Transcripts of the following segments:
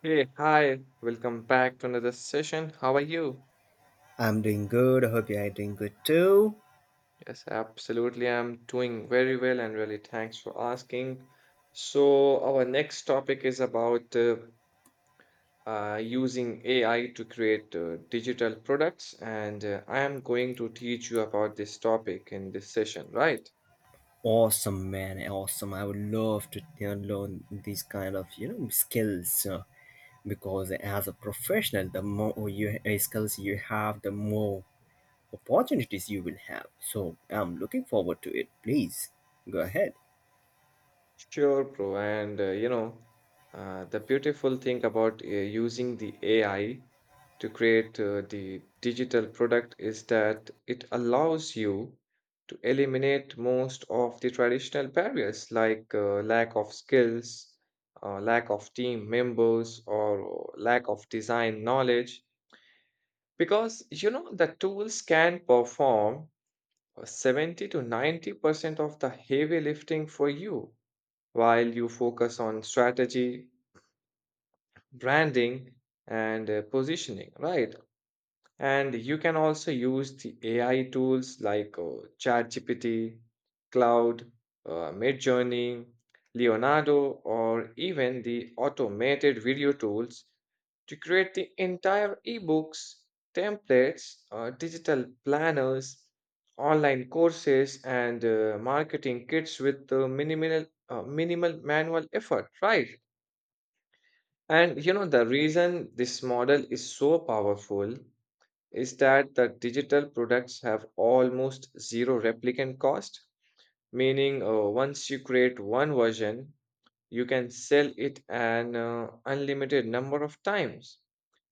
Hey, hi, welcome back to another session. How are you? I'm doing good. I hope you are doing good too. Yes, absolutely. I'm doing very well and really thanks for asking. So, our next topic is about using AI to create digital products, and I am going to teach you about this topic in this session, right? Awesome, man. Awesome. I would love to learn these kind of skills because as a professional, the more you skills you have, the more opportunities you will have. So I'm looking forward to it. Please go ahead. Sure, bro. And you know, the beautiful thing about using the AI to create the digital product is that it allows you to eliminate most of the traditional barriers like lack of skills, lack of team members, or lack of design knowledge. Because you know, the tools can perform 70 to 90% of the heavy lifting for you while you focus on strategy, branding, and positioning, right? And you can also use the AI tools like ChatGPT, Cloud, Midjourney, Leonardo, or even the automated video tools to create the entire ebooks, templates, digital planners, online courses, and marketing kits with minimal manual effort, right? And you know, the reason this model is so powerful is that the digital products have almost zero replicant cost, meaning once you create one version, you can sell it an unlimited number of times,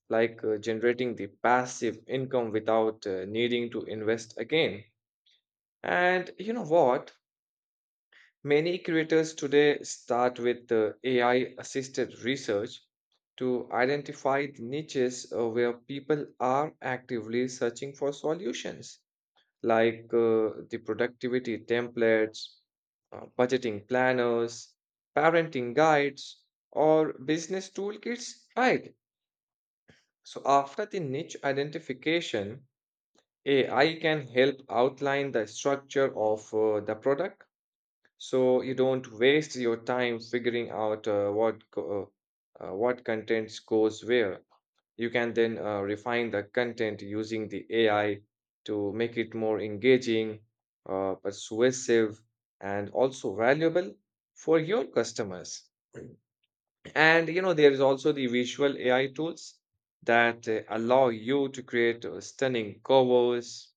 like generating the passive income without needing to invest again. And you know what? Many creators today start with AI assisted research to identify the niches where people are actively searching for solutions, like the productivity templates, budgeting planners, parenting guides, or business toolkits, right? So, after the niche identification, AI can help outline the structure of the product so you don't waste your time figuring out what contents goes where. You can then refine the content using the AI to make it more engaging, persuasive, and also valuable for your customers. And you know, there is also the visual AI tools that allow you to create stunning covers,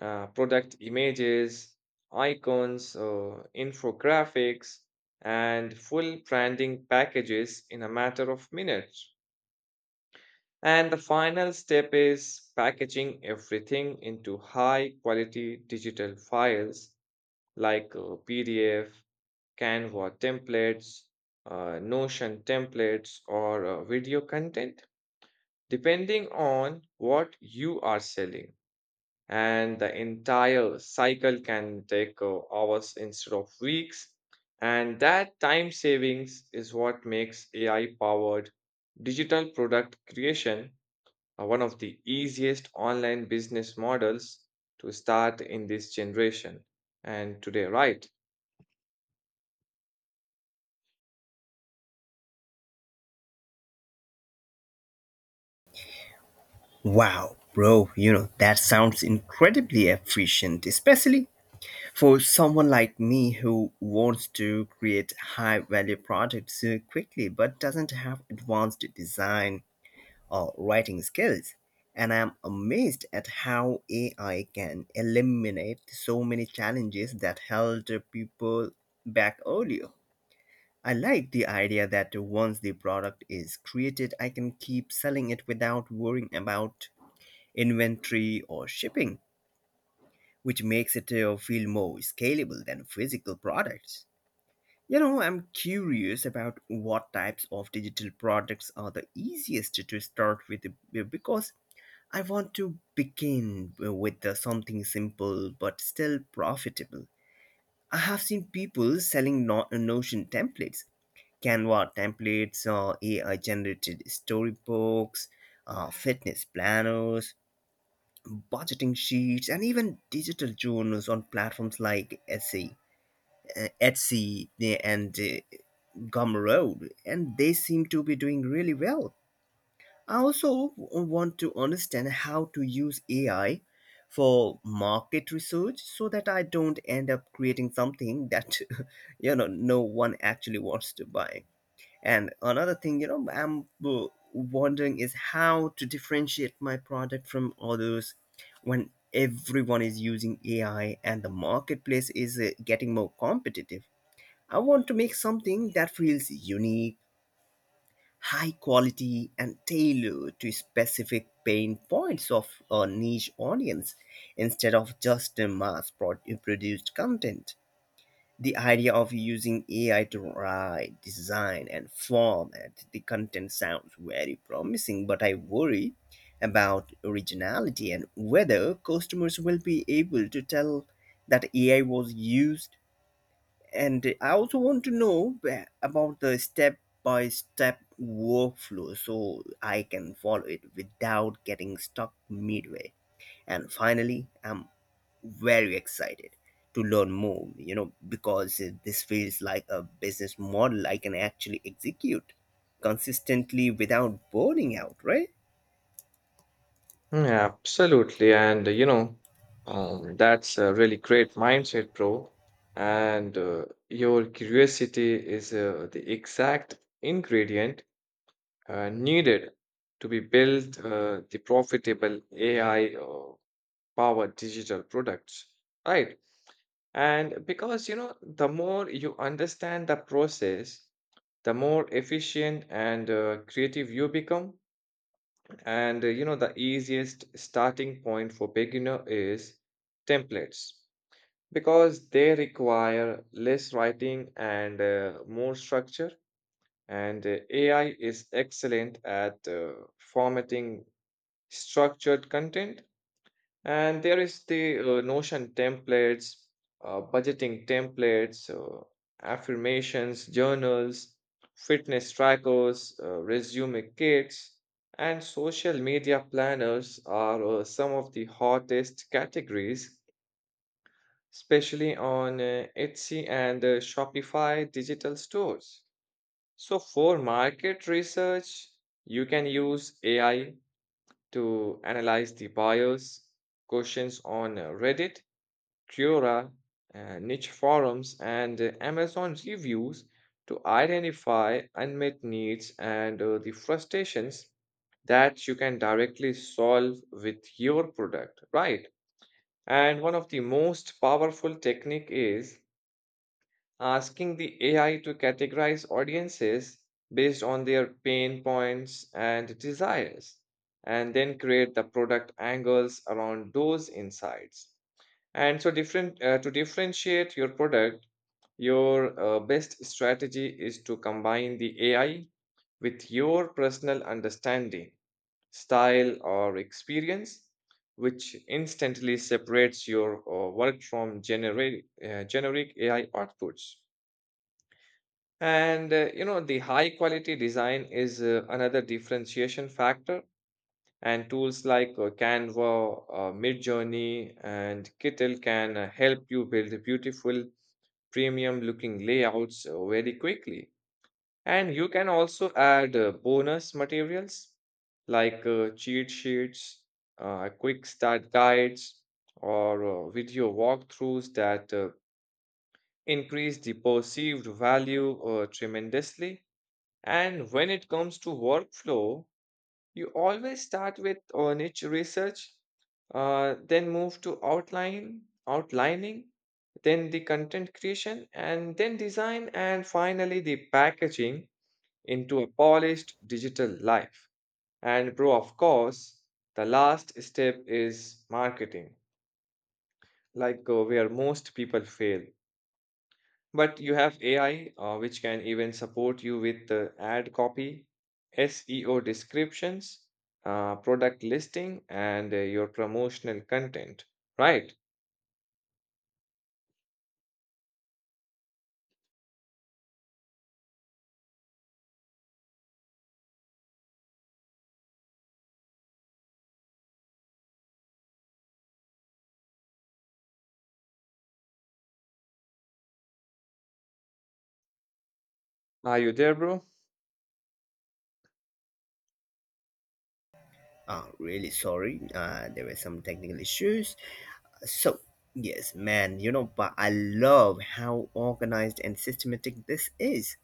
product images, icons, infographics, and full branding packages in a matter of minutes. And the final step is packaging everything into high quality digital files like PDF, Canva templates, Notion templates, or video content, depending on what you are selling. And the entire cycle can take hours instead of weeks. And that time savings is what makes AI powered digital product creation one of the easiest online business models to start in this generation and today, right? Wow, bro. You know, that sounds incredibly efficient, especially for someone like me who wants to create high value products quickly but doesn't have advanced design or writing skills, and I'm amazed at how AI can eliminate so many challenges that held people back earlier. I like the idea that once the product is created, I can keep selling it without worrying about inventory or shipping, which makes it feel more scalable than physical products. You know, I'm curious about what types of digital products are the easiest to start with because I want to begin with the something simple but still profitable. I have seen people selling Notion templates, Canva templates, AI generated storybooks, fitness planners, budgeting sheets, and even digital journals on platforms like Etsy and Gumroad, and they seem to be doing really well. I also want to understand how to use AI for market research so that I don't end up creating something that no one actually wants to buy. And another thing, you know, I'm wondering is how to differentiate my product from others when everyone is using AI and the marketplace is getting more competitive. I want to make something that feels unique, high quality, and tailored to specific pain points of a niche audience instead of just a produced content. The idea of using AI to write, design, and format the content sounds very promising, but I worry about originality and whether customers will be able to tell that AI was used, and I also want to know about the step by step workflow so I can follow it without getting stuck midway. And finally, I'm very excited to learn more, you know, because this feels like a business model I can actually execute consistently without burning out, right? Mm, absolutely. And you know, that's a really great mindset, bro. And your curiosity is the exact ingredient needed to be built the profitable AI powered digital products, right? And because you know, the more you understand the process, the more efficient and creative you become. And you know, the easiest starting point for beginner is templates because they require less writing and more structure. And AI is excellent at formatting structured content, and there is the notion templates, budgeting templates, affirmations journals, fitness trackers, resume kits, and social media planners are some of the hottest categories, especially on etsy and shopify digital stores. So, for market research, you can use AI to analyze the bios, questions on Reddit, Quora, niche forums, and Amazon reviews to identify unmet needs and the frustrations that you can directly solve with your product, right? And one of the most powerful technique is asking the AI to categorize audiences based on their pain points and desires, and then create the product angles around those insights. And so, different to differentiate your product, your best strategy is to combine the AI with your personal understanding, style, or experience. Which instantly separates your work from generic AI outputs. And you know, the high quality design is another differentiation factor. And tools like Canva, Midjourney, and Kittle can help you build beautiful, premium looking layouts very quickly. And you can also add bonus materials like cheat sheets, quick start guides, or video walkthroughs that increase the perceived value tremendously. And when it comes to workflow, you always start with niche research, then move to outline, outlining, then the content creation, and then design, and finally the packaging into a polished digital life. And bro, of course, the last step is marketing, like where most people fail. But you have AI, which can even support you with the ad copy, SEO descriptions, product listing, and your promotional content. Right? Are you there, bro? Really sorry. There were some technical issues. So, yes, man, you know, but I love how organized and systematic this is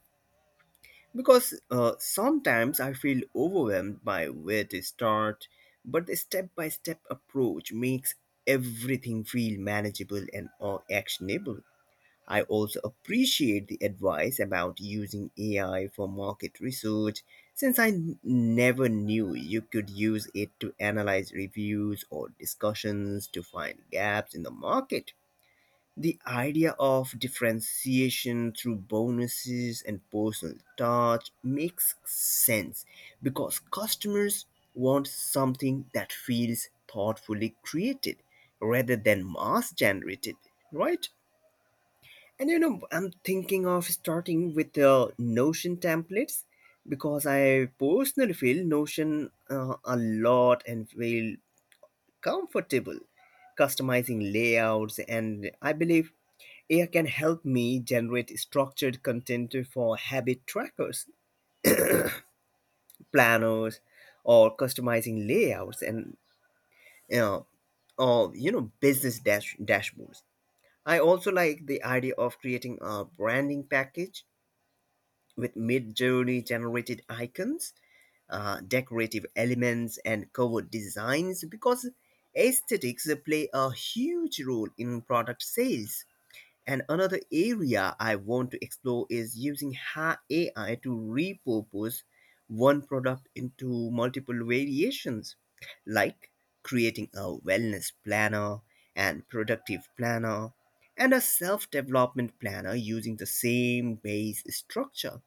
because sometimes I feel overwhelmed by where to start, but the step by step approach makes everything feel manageable and actionable. I also appreciate the advice about using AI for market research, since I never knew you could use it to analyze reviews or discussions to find gaps in the market. The idea of differentiation through bonuses and personal touch makes sense because customers want something that feels thoughtfully created rather than mass generated, right? And you know, I'm thinking of starting with the Notion templates because I personally feel Notion a lot and feel comfortable customizing layouts. And I believe AI can help me generate structured content for habit trackers, planners, or customizing layouts and you know, business dashboards. I also like the idea of creating a branding package with mid-journey generated icons, decorative elements, and cover designs because aesthetics play a huge role in product sales. And another area I want to explore is using AI to repurpose one product into multiple variations, like creating a wellness planner and productive planner and a self development planner using the same base structure.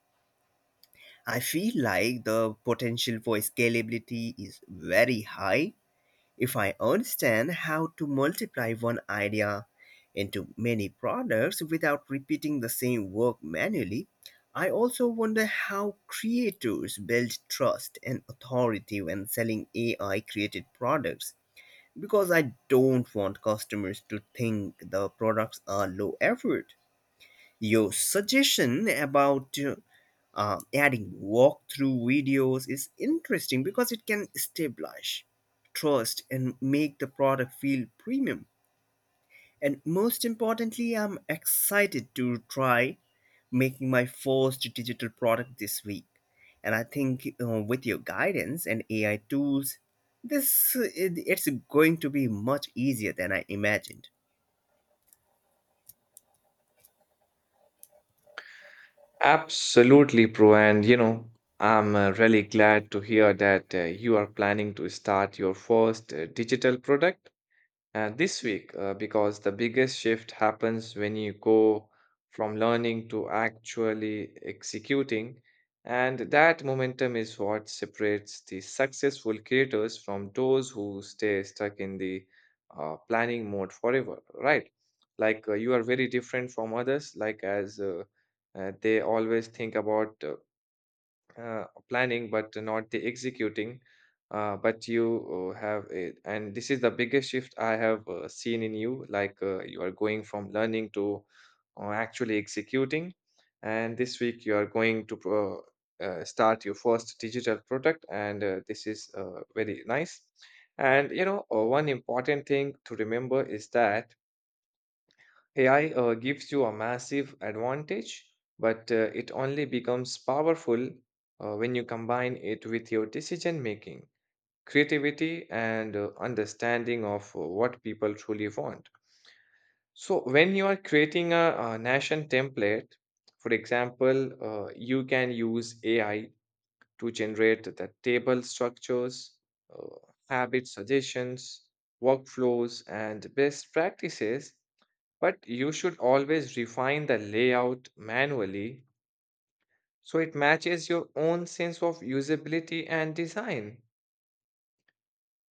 I feel like the potential for scalability is very high if I understand how to multiply one idea into many products without repeating the same work manually. I also wonder how creators build trust and authority when selling AI created products because I don't want customers to think the products are low effort. Your suggestion about adding walkthrough videos is interesting because it can establish trust and make the product feel premium. And most importantly, I'm excited to try making my first digital product this week. And I think with your guidance and AI tools, it's going to be much easier than I imagined. Absolutely, bro. And you know, I'm really glad to hear that you are planning to start your first digital product this week because the biggest shift happens when you go from learning to actually executing. And that momentum is what separates the successful creators from those who stay stuck in the planning mode forever, right? Like you are very different from others, like as they always think about planning but not the executing, but you have it, and this is the biggest shift I have seen in you. Like you are going from learning to actually executing, and this week you are going to start your first digital product, and this is very nice. And you know, one important thing to remember is that AI gives you a massive advantage, but it only becomes powerful when you combine it with your decision making, creativity, and understanding of what people truly want. So, when you are creating a nation template, for example, you can use AI to generate the table structures, uh, habit suggestions, workflows, and best practices, but you should always refine the layout manually so it matches your own sense of usability and design.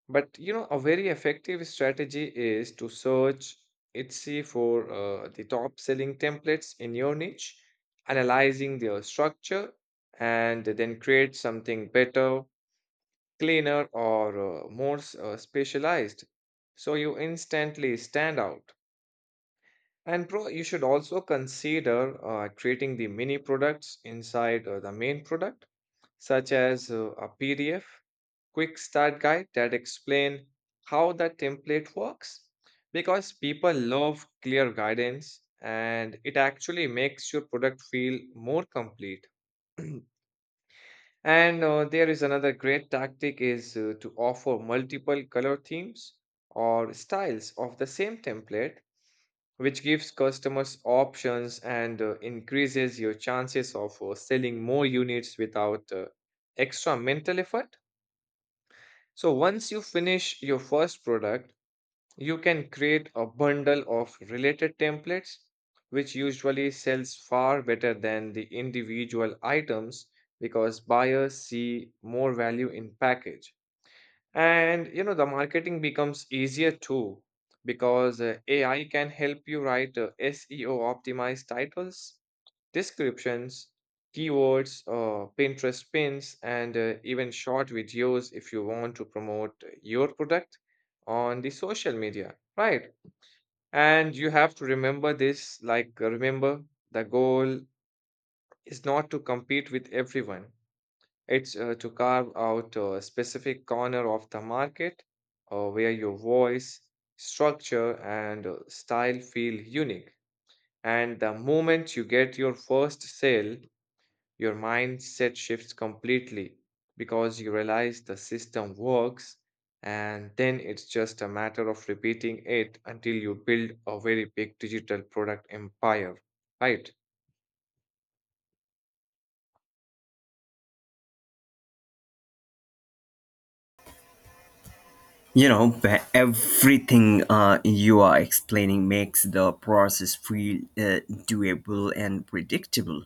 But you know, a very effective strategy is to search Etsy for the top selling templates in your niche, analyzing their structure, and then create something better, cleaner, or specialized. So you instantly stand out. And pro, you should also consider creating the mini products inside the main product, such as a PDF quick start guide that explain how the template works, because people love clear guidance and it actually makes your product feel more complete. And there is another great tactic is to offer multiple color themes or styles of the same template, which gives customers options and increases your chances of selling more units without extra mental effort. So, once you finish your first product, you can create a bundle of related templates, which usually sells far better than the individual items because buyers see more value in package. And you know, the marketing becomes easier too because AI can help you write SEO optimized titles, descriptions, keywords, Pinterest pins, and even short videos if you want to promote your product on the social media, right? And you have to remember this, like, remember the goal is not to compete with everyone, it's to carve out a specific corner of the market where your voice, structure, and style feel unique. And the moment you get your first sale, your mindset shifts completely because you realize the system works, and then it's just a matter of repeating it until you build a very big digital product empire, right? You know, everything you are explaining makes the process feel doable and predictable,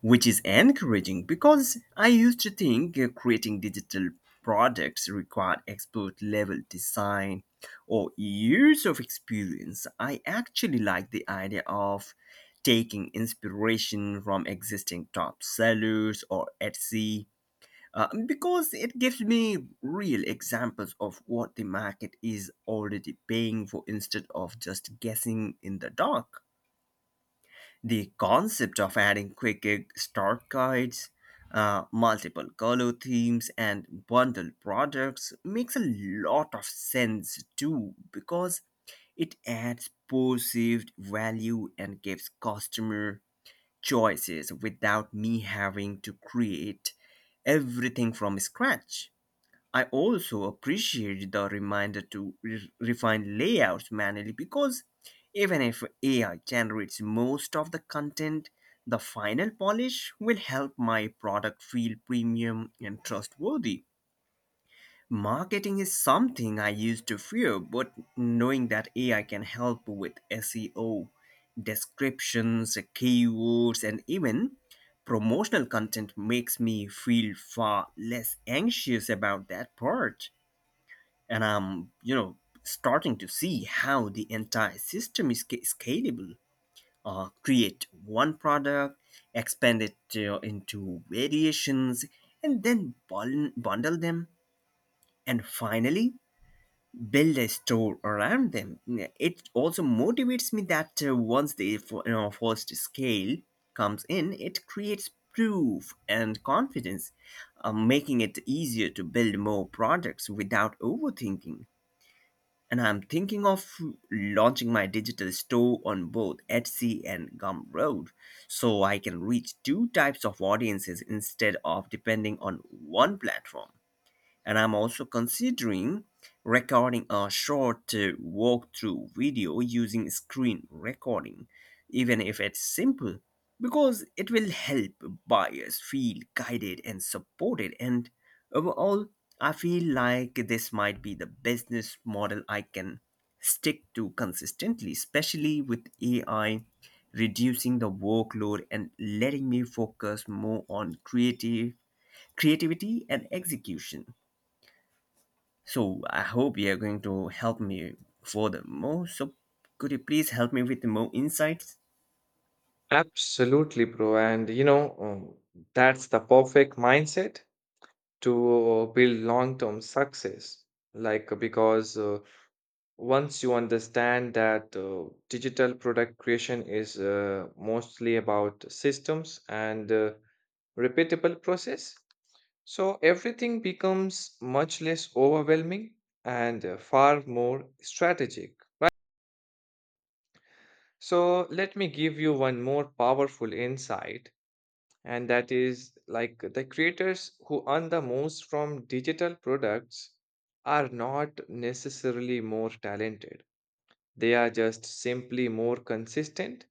which is encouraging because I used to think creating digital products required expert level design or years of experience. I actually like the idea of taking inspiration from existing top sellers or Etsy because it gives me real examples of what the market is already paying for instead of just guessing in the dark. The concept of adding quick start guides, multiple color themes, and bundled products makes a lot of sense too because it adds perceived value and gives customer choices without me having to create everything from scratch. I also appreciate the reminder to refine layouts manually because even if AI generates most of the content, the final polish will help my product feel premium and trustworthy. Marketing is something I used to fear, but knowing that AI can help with SEO, descriptions, keywords, and even promotional content makes me feel far less anxious about that part. And I'm, you know, starting to see how the entire system is scalable. Create one product, expand it into variations, and then bundle them, and finally build a store around them. It also motivates me that once the first scale comes in, it creates proof and confidence, making it easier to build more products without overthinking. And I'm thinking of launching my digital store on both Etsy and Gumroad, so I can reach two types of audiences instead of depending on one platform. And I'm also considering recording a short walkthrough video using screen recording, even if it's simple, because it will help buyers feel guided and supported. And overall, I feel like this might be the business model I can stick to consistently, especially with AI reducing the workload and letting me focus more on creative creativity and execution. So I hope you are going to help me furthermore. So could you please help me with more insights? Absolutely, bro. And you know, that's the perfect mindset to build long-term success. Because once you understand that digital product creation is mostly about systems and repeatable process, so everything becomes much less overwhelming and far more strategic. So, let me give you one more powerful insight, and that is, like, the creators who earn the most from digital products are not necessarily more talented, they are just simply more consistent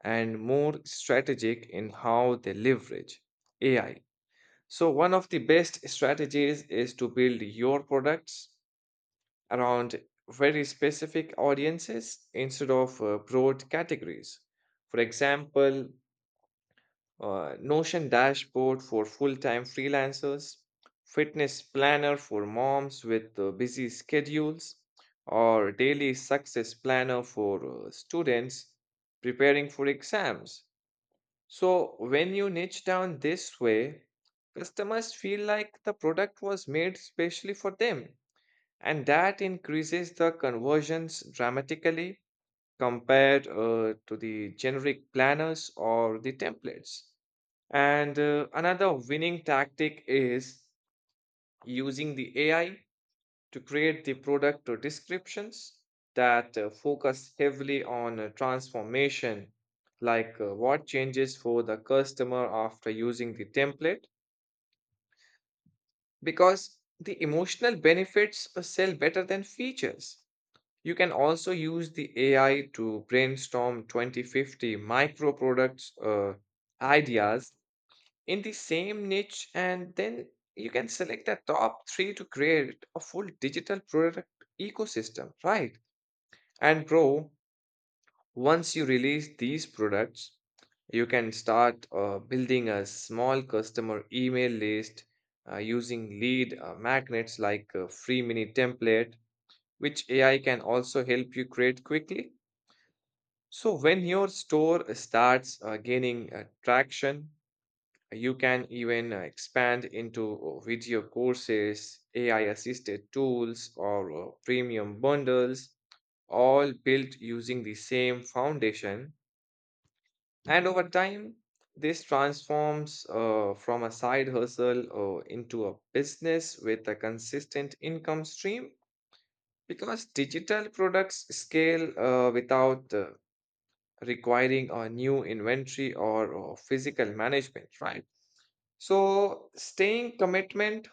and more strategic in how they leverage AI. So, one of the best strategies is to build your products around very specific audiences instead of broad categories. For example, Notion dashboard for full time freelancers, fitness planner for moms with busy schedules, or daily success planner for students preparing for exams. So, when you niche down this way, customers feel like the product was made specially for them, and that increases the conversions dramatically compared to the generic planners or the templates. And another winning tactic is using the AI to create the product or descriptions that focus heavily on transformation, like what changes for the customer after using the template, because the emotional benefits sell better than features. You can also use the AI to brainstorm 2050 micro products ideas in the same niche, and then you can select the top three to create a full digital product ecosystem, right? And bro, once you release these products, you can start building a small customer email list using lead magnets like a free mini template, which AI can also help you create quickly. So when your store starts gaining traction, you can even expand into video courses, AI assisted tools, or premium bundles, all built using the same foundation. And over time, this transforms from a side hustle into a business with a consistent income stream, because digital products scale without requiring a new inventory or physical management, right? So, staying commitment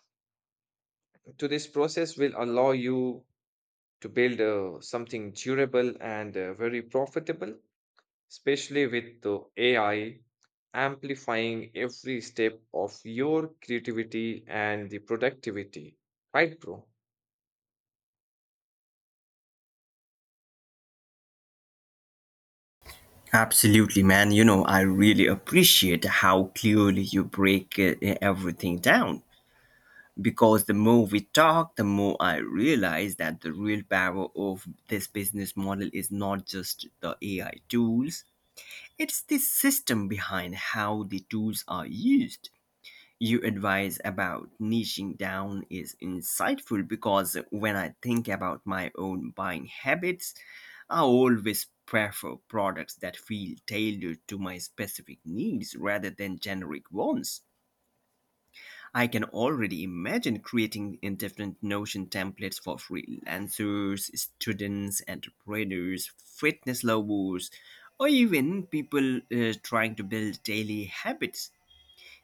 to this process will allow you to build something durable and very profitable, especially with the AI amplifying every step of your creativity and the productivity. Right, bro? Absolutely, man. You know, I really appreciate how clearly you break everything down. Because the more we talk, the more I realize that the real power of this business model is not just the AI tools, it's the system behind how the tools are used. Your advice about niching down is insightful because when I think about my own buying habits, I always prefer products that feel tailored to my specific needs rather than generic ones. I can already imagine creating in different Notion templates for freelancers, students, entrepreneurs, fitness lovers, or even people trying to build daily habits.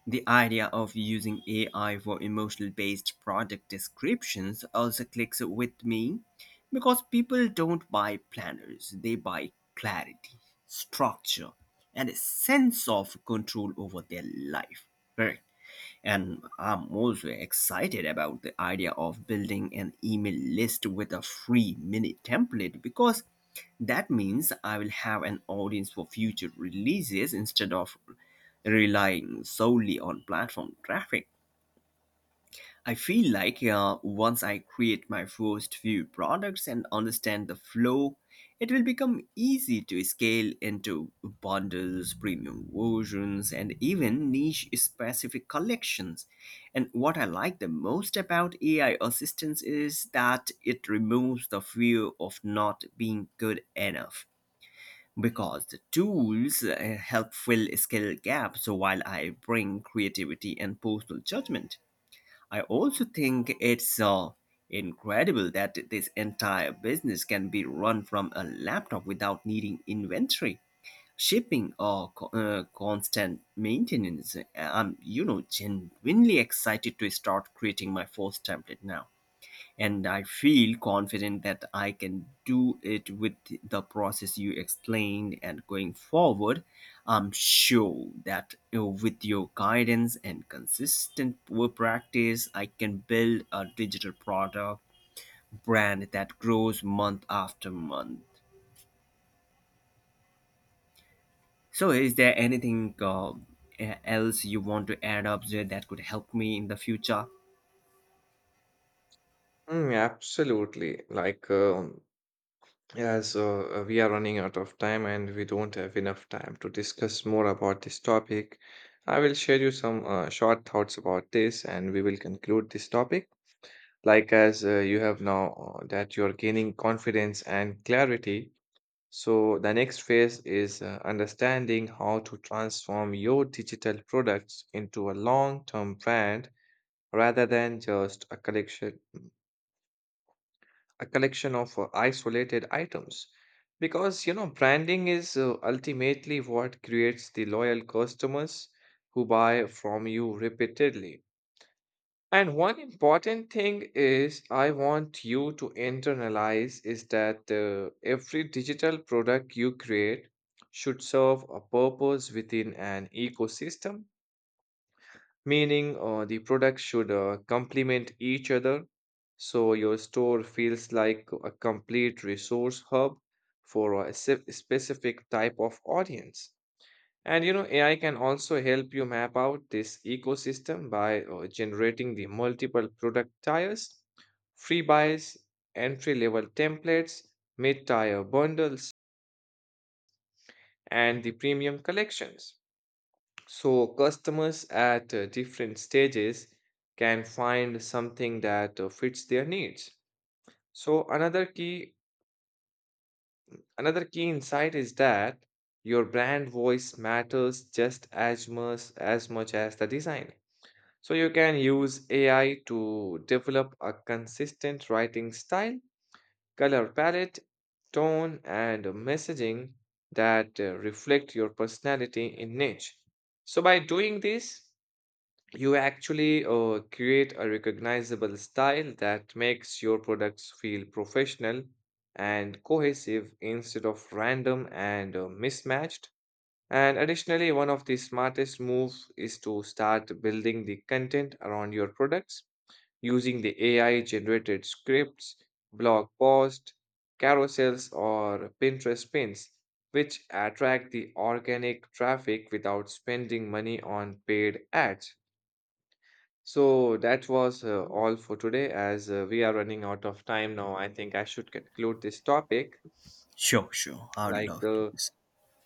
The idea of using AI for emotional based product descriptions also clicks with me because people don't buy planners, they buy clarity, structure, and a sense of control over their life. Correct. And I'm also excited about the idea of building an email list with a free mini template because that means I will have an audience for future releases instead of relying solely on platform traffic. I feel like once I create my first few products and understand the flow, it will become easy to scale into bundles, premium versions, and even niche specific collections. And what I like the most about AI assistance is that it removes the fear of not being good enough because the tools help fill skill gaps while I bring creativity and personal judgment. I also think it's incredible that this entire business can be run from a laptop without needing inventory, shipping, or constant maintenance. I'm, you know, genuinely excited to start creating my first template now, and I feel confident that I can do it with the process you explained. And going forward, I'm sure that, you know, with your guidance and consistent work practice, I can build a digital product brand that grows month after month. So, is there anything else you want to add up there that could help me in the future? Mm, absolutely. As we are running out of time and we don't have enough time to discuss more about this topic, I will share you some short thoughts about this and we will conclude this topic. Like as you have now, that you're gaining confidence and clarity. So the next phase is understanding how to transform your digital products into a long-term brand rather than just a collection of isolated items. Because you know, branding is ultimately what creates the loyal customers who buy from you repeatedly. And one important thing is I want you to internalize is that every digital product you create should serve a purpose within an ecosystem, meaning the products should complement each other, so your store feels like a complete resource hub for a specific type of audience. And you know, AI can also help you map out this ecosystem by generating the multiple product tiers, free buys, entry level templates, mid tier bundles, and the premium collections. So, customers at different stages can find something that fits their needs. So, another key insight is that your brand voice matters just as much as much as the design. So you can use AI to develop a consistent writing style, color palette, tone, and messaging that reflect your personality in niche. So by doing this, you actually create a recognizable style that makes your products feel professional and cohesive instead of random and mismatched. And additionally, one of the smartest moves is to start building the content around your products using the AI generated scripts, blog posts, carousels, or Pinterest pins, which attract the organic traffic without spending money on paid ads. So that was all for today, as we are running out of time now. I think I should conclude this topic. Sure, sure. I'd like love to. uh,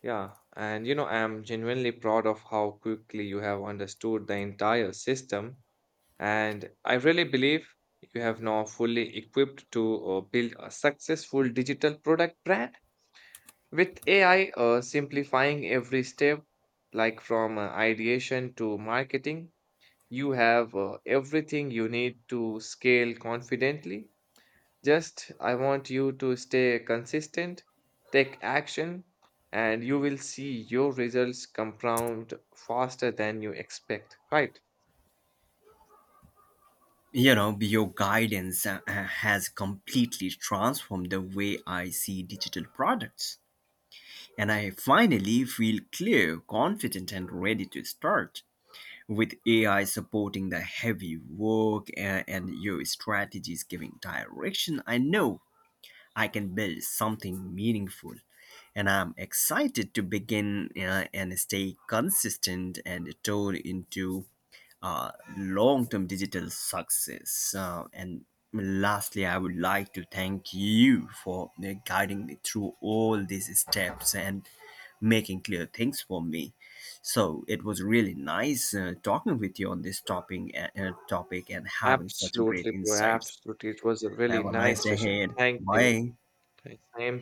Yeah, and you know, I'm genuinely proud of how quickly you have understood the entire system, and I really believe you have now fully equipped to build a successful digital product brand with AI simplifying every step, like from ideation to marketing. You have everything you need to scale confidently. Just I want you to stay consistent, take action, and you will see your results compound faster than you expect. Right. You know, your guidance has completely transformed the way I see digital products, and I finally feel clear, confident, and ready to start. With AI supporting the heavy work and your strategies giving direction, I know I can build something meaningful, and I'm excited to begin and stay consistent and turn into uh, long-term digital success. And lastly, I would like to thank you for guiding me through all these steps and making clear things for me. So it was really nice talking with you on this topic and having such great Absolutely, bro. insights. Absolutely. It was a really Have a nice nice day session. ahead. Thank you. Bye. Thanks. I am too.